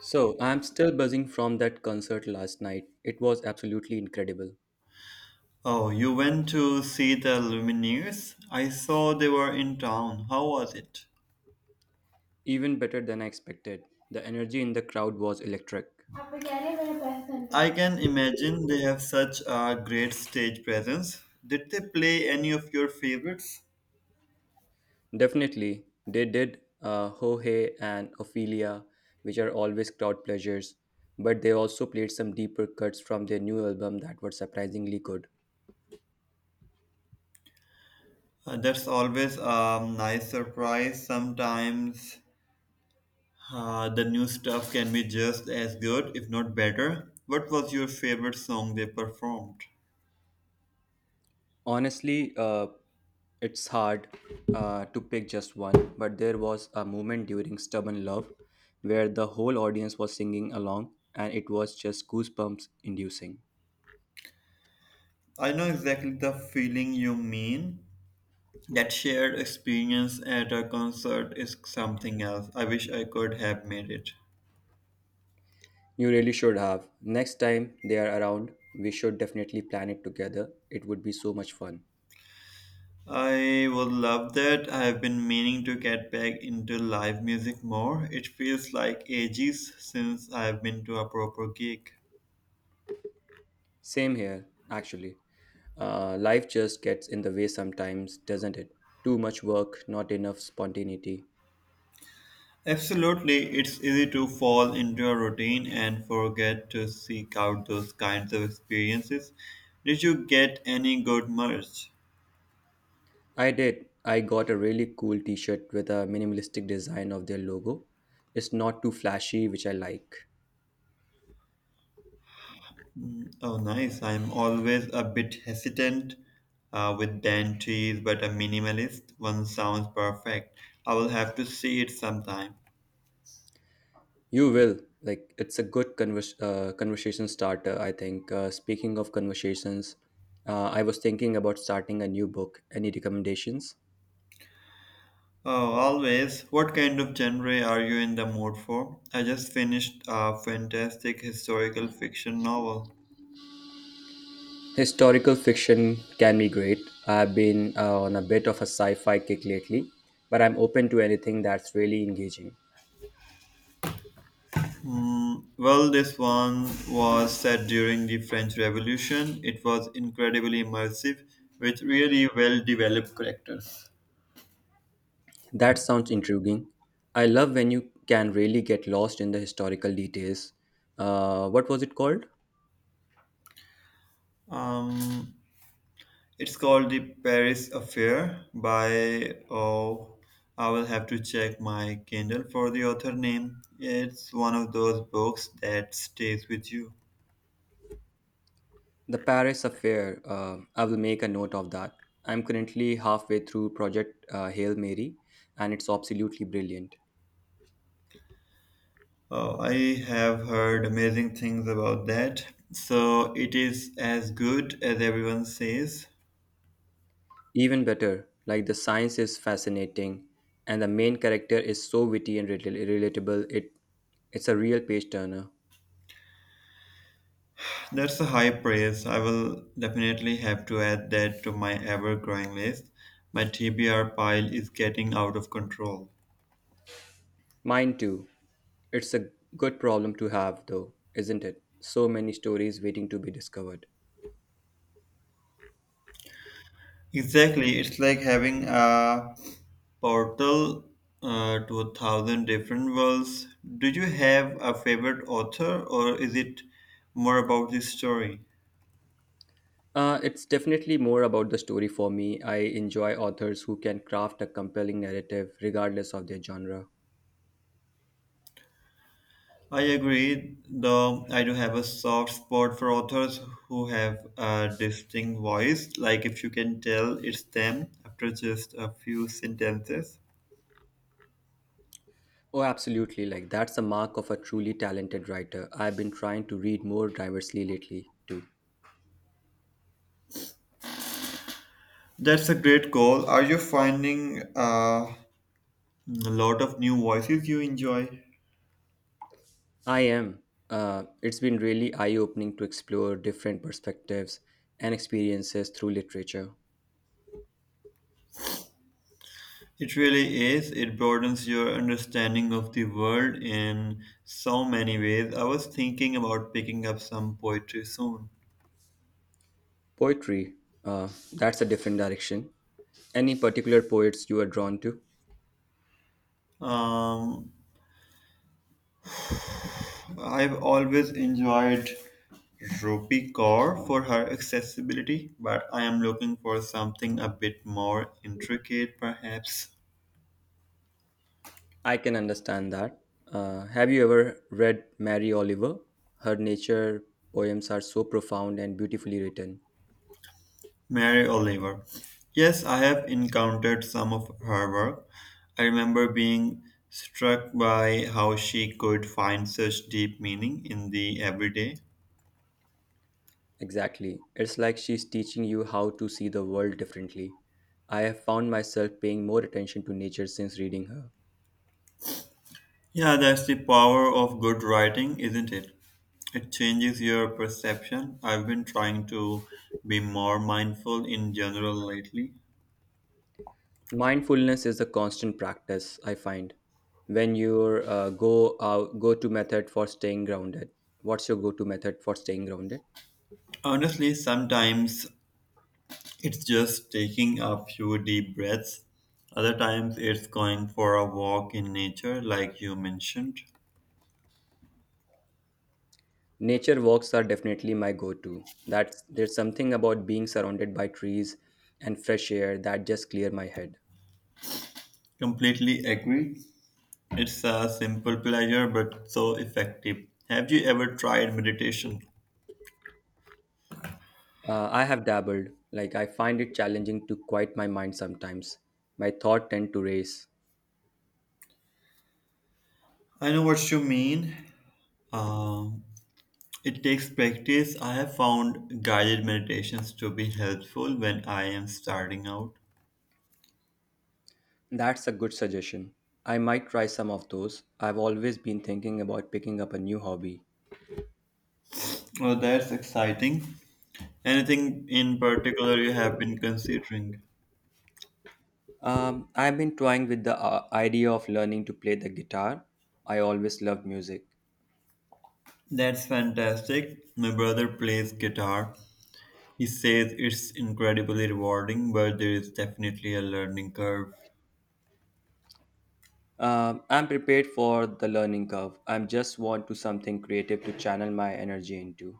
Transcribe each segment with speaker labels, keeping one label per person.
Speaker 1: So, I'm still buzzing from that concert last night. It was absolutely incredible.
Speaker 2: Oh, you went to see the Lumineers? I saw they were in town. How was it?
Speaker 1: Even better than I expected. The energy in the crowd was electric.
Speaker 2: I can imagine they have such a great stage presence. Did they play any of your favorites?
Speaker 1: Definitely, they did Ho Hey and Ophelia, which are always crowd pleasures, but they also played some deeper cuts from their new album that were surprisingly good.
Speaker 2: That's always a nice surprise. Sometimes the new stuff can be just as good, if not better. What was your favorite song they performed?
Speaker 1: Honestly, it's hard to pick just one, but there was a moment during Stubborn Love where the whole audience was singing along and it was just goosebumps inducing.
Speaker 2: I know exactly the feeling you mean. That shared experience at a concert is something else. I wish I could have made it.
Speaker 1: You really should have. Next time they are around, we should definitely plan it together. It would be so much fun.
Speaker 2: I would love that. I have been meaning to get back into live music more. It feels like ages since I have been to a proper gig.
Speaker 1: Same here, actually. Life just gets in the way sometimes, doesn't it? Too much work, not enough spontaneity.
Speaker 2: Absolutely, it's easy to fall into a routine and forget to seek out those kinds of experiences. Did you get any good merch?
Speaker 1: I did. I got a really cool t shirt with a minimalistic design of their logo. It's not too flashy, which I like.
Speaker 2: Oh, nice. I'm always a bit hesitant with dentures, but a minimalist one sounds perfect. I will have to see it sometime.
Speaker 1: You will. Like, it's a good conversation starter, I think. Speaking of conversations, I was thinking about starting a new book. Any recommendations?
Speaker 2: Oh, always. What kind of genre are you in the mood for? I just finished a fantastic historical fiction novel.
Speaker 1: Historical fiction can be great. I've been on a bit of a sci fi kick lately, but I'm open to anything that's really engaging.
Speaker 2: Well, this one was set during the French Revolution. It was incredibly immersive with really well developed characters.
Speaker 1: That sounds intriguing. I love when you can really get lost in the historical details. What was it called?
Speaker 2: Um, It's called the Paris Affair by oh I will have to check my Kindle for the author name. It's one of those books that stays with you.
Speaker 1: The Paris Affair. I will make a note of that. I'm currently halfway through Project Hail Mary, and it's absolutely brilliant.
Speaker 2: Oh, I have heard amazing things about that. So it is as good as everyone says.
Speaker 1: Even better, like the science is fascinating, and the main character is so witty and relatable. It's a real page turner.
Speaker 2: That's a high praise. I will definitely have to add that to my ever growing list. My TBR pile is getting out of control.
Speaker 1: Mine too. It's a good problem to have, though, isn't it? So many stories waiting to be discovered.
Speaker 2: Exactly, it's like having a portal to a thousand different worlds. Do you have a favorite author, or is it more about the story?
Speaker 1: It's definitely more about the story for me. I enjoy authors who can craft a compelling narrative regardless of their genre.
Speaker 2: I agree, though I do have a soft spot for authors who have a distinct voice, like if you can tell it's them after just a few sentences.
Speaker 1: Oh, absolutely. Like, that's the mark of a truly talented writer. I've been trying to read more diversely lately, too.
Speaker 2: That's a great goal. Are you finding a lot of new voices you enjoy?
Speaker 1: I am. It's been really eye opening to explore different perspectives and experiences through literature.
Speaker 2: It really is. It broadens your understanding of the world in so many ways. I was thinking about picking up some poetry soon.
Speaker 1: Poetry, that's a different direction. Any particular poets you are drawn to?
Speaker 2: Um, I've always enjoyed Rupi Kaur for her accessibility, but I am looking for something a bit more intricate, perhaps.
Speaker 1: I can understand that. Have you ever read Mary Oliver? Her nature poems are so profound and beautifully written.
Speaker 2: Mary Oliver. Yes, I have encountered some of her work. I remember being struck by how she could find such deep meaning in the everyday.
Speaker 1: Exactly. It's like she's teaching you how to see the world differently. I have found myself paying more attention to nature since reading her.
Speaker 2: Yeah, that's the power of good writing, isn't it? It changes your perception. I've been trying to be more mindful in general lately.
Speaker 1: Mindfulness is a constant practice, I find. When you go out, go to method for staying grounded. What's your go-to method for staying grounded?
Speaker 2: Honestly, sometimes it's just taking a few deep breaths. Other times, it's going for a walk in nature, like you mentioned.
Speaker 1: Nature walks are definitely my go to. That's There's something about being surrounded by trees and fresh air that just clear my head.
Speaker 2: Completely agree. It's a simple pleasure, but so effective. Have you ever tried meditation?
Speaker 1: I have dabbled, like I find it challenging to quiet my mind sometimes. My thoughts tend to race.
Speaker 2: I know what you mean. Um, it takes practice. I have found guided meditations to be helpful when I am starting out.
Speaker 1: That's a good suggestion. I might try some of those. I've always been thinking about picking up a new hobby.
Speaker 2: Well, that's exciting. Anything in particular you have been considering?
Speaker 1: I've been toying with the idea of learning to play the guitar. I always loved music.
Speaker 2: That's fantastic. My brother plays guitar. He says it's incredibly rewarding, but there is definitely a learning curve.
Speaker 1: I'm prepared for the learning curve. I just want to something creative to channel my energy into.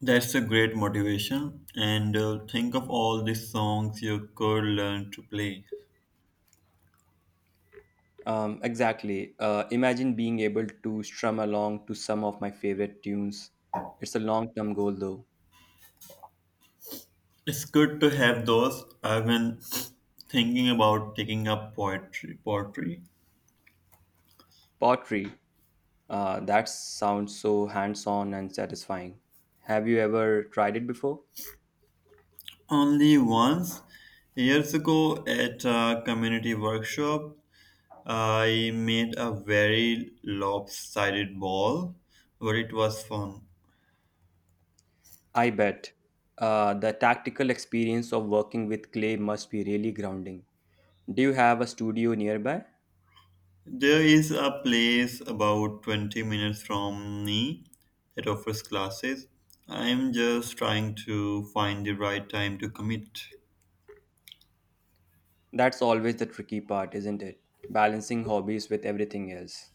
Speaker 2: That's a great motivation. And think of all the songs you could learn to play.
Speaker 1: Exactly. Imagine being able to strum along to some of my favorite tunes. It's a long-term goal though.
Speaker 2: It's good to have those. I've been thinking about taking up poetry. Poetry
Speaker 1: Pottery. That sounds so hands-on and satisfying. Have you ever tried it before?
Speaker 2: only once years ago at a community workshop. I made a very lopsided ball, but it was fun.
Speaker 1: I bet. The tactical experience of working with clay must be really grounding. Do you have a studio nearby?
Speaker 2: There is a place about 20 minutes from me that offers classes. I'm just trying to find the right time to commit.
Speaker 1: That's always the tricky part, isn't it? Balancing hobbies with everything else.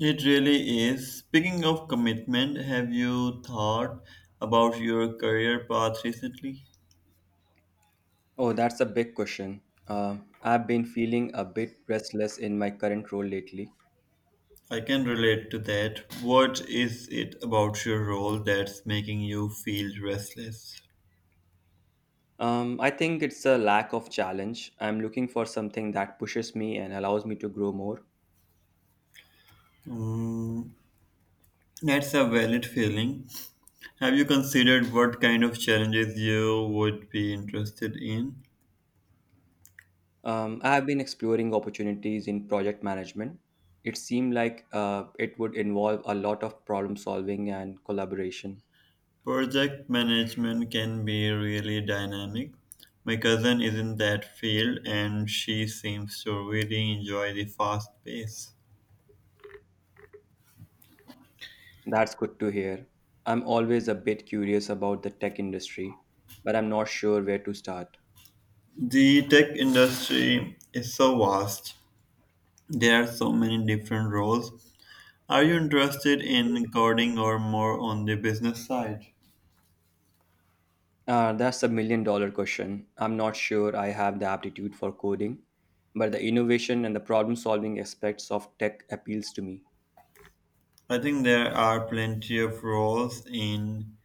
Speaker 2: It really is. Speaking of commitment, have you thought about your career path recently?
Speaker 1: Oh, that's a big question. Uh, I've been feeling a bit restless in my current role lately.
Speaker 2: I can relate to that. What is it about your role that's making you feel restless?
Speaker 1: I think it's a lack of challenge. I'm looking for something that pushes me and allows me to grow more.
Speaker 2: Mm, that's a valid feeling. Have you considered what kind of challenges you would be interested in?
Speaker 1: I've been exploring opportunities in project management. It seemed like it would involve a lot of problem solving and collaboration.
Speaker 2: Project management can be really dynamic. My cousin is in that field and she seems to really enjoy the fast pace.
Speaker 1: That's good to hear. I'm always a bit curious about the tech industry, but I'm not sure where to start.
Speaker 2: The tech industry is so vast. There are so many different roles. Are you interested in coding or more on the business side?
Speaker 1: That's a million dollar question. I'm not sure I have the aptitude for coding, but the innovation and the problem solving aspects of tech appeals to me.
Speaker 2: I think there are plenty of roles in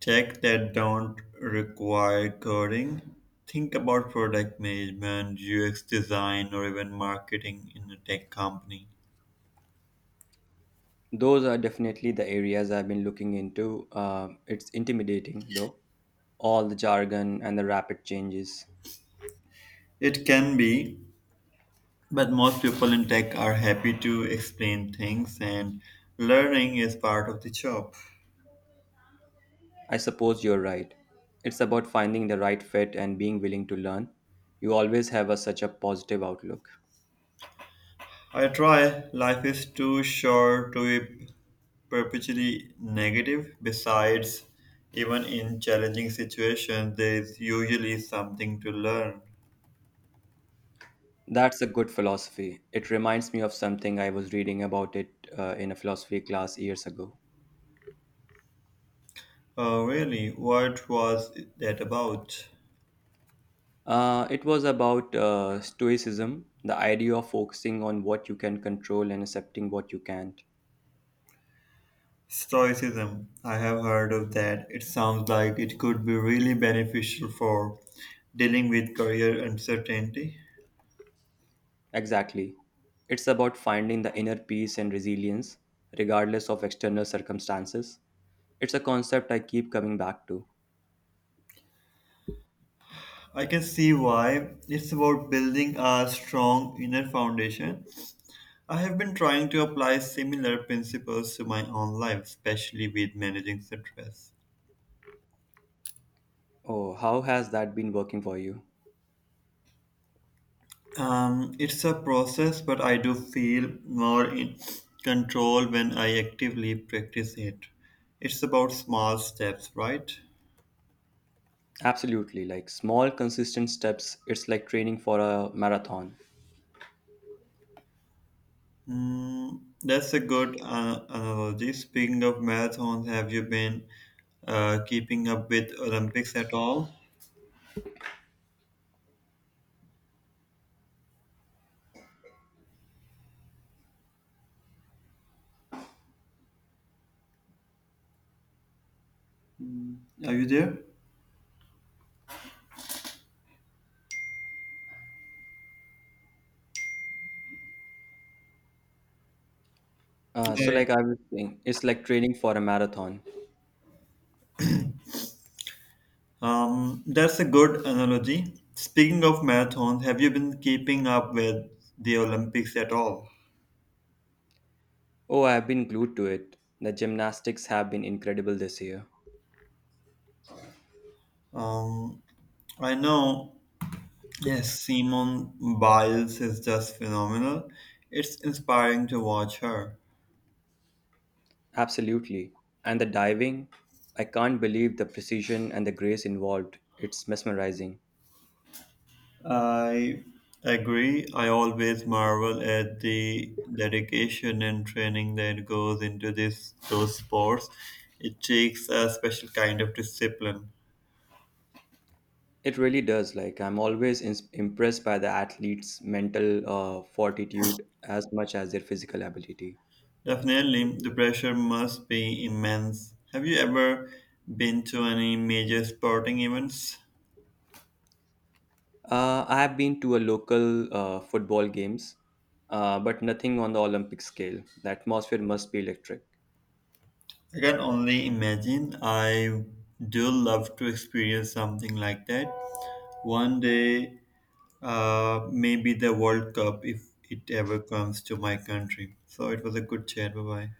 Speaker 2: tech that don't require coding. Think about product management, UX design, or even marketing in a tech company.
Speaker 1: Those are definitely the areas I've been looking into. It's intimidating, though, all the jargon and the rapid changes.
Speaker 2: It can be, but most people in tech are happy to explain things, and learning is part of the job.
Speaker 1: I suppose you're right. It's about finding the right fit and being willing to learn. You always have a, such a positive outlook.
Speaker 2: I try. Life is too short to be perpetually negative. Besides, even in challenging situations, there is usually something to learn.
Speaker 1: That's a good philosophy. It reminds me of something I was reading about it in a philosophy class years ago.
Speaker 2: Oh, really? What was that about?
Speaker 1: It was about Stoicism, the idea of focusing on what you can control and accepting what you can't.
Speaker 2: Stoicism. I have heard of that. It sounds like it could be really beneficial for dealing with career uncertainty.
Speaker 1: Exactly. It's about finding the inner peace and resilience, regardless of external circumstances. It's a concept I keep coming back to.
Speaker 2: I can see why. It's about building a strong inner foundation. I have been trying to apply similar principles to my own life, especially with managing stress.
Speaker 1: Oh, how has that been working for you?
Speaker 2: It's a process, but I do feel more in control when I actively practice it. It's about small steps, right?
Speaker 1: Absolutely, like small, consistent steps. It's like training for a marathon.
Speaker 2: That's a good analogy. Speaking of marathons, have you been keeping up with Olympics at all? Are you there?
Speaker 1: So,
Speaker 2: Yeah.
Speaker 1: like I was saying, it's like training for a marathon.
Speaker 2: That's a good analogy. Speaking of marathons, have you been keeping up with the Olympics at all?
Speaker 1: Oh, I've been glued to it. The gymnastics have been incredible this year.
Speaker 2: Um, I know yes, Simone Biles is just phenomenal. It's inspiring to watch her.
Speaker 1: Absolutely. And the diving, I can't believe the precision and the grace involved. It's mesmerizing.
Speaker 2: I agree. I always marvel at the dedication and training that goes into this those sports. It takes a special kind of discipline.
Speaker 1: It really does. Like, I'm always ins impressed by the athlete's mental fortitude as much as their physical ability.
Speaker 2: Definitely, the pressure must be immense. Have you ever been to any major sporting events?
Speaker 1: I have been to a local football games, but nothing on the Olympic scale. The atmosphere must be electric.
Speaker 2: I can only imagine. I do love to experience something like that. One day, maybe the World Cup if it ever comes to my country. So it was a good chat. Bye bye.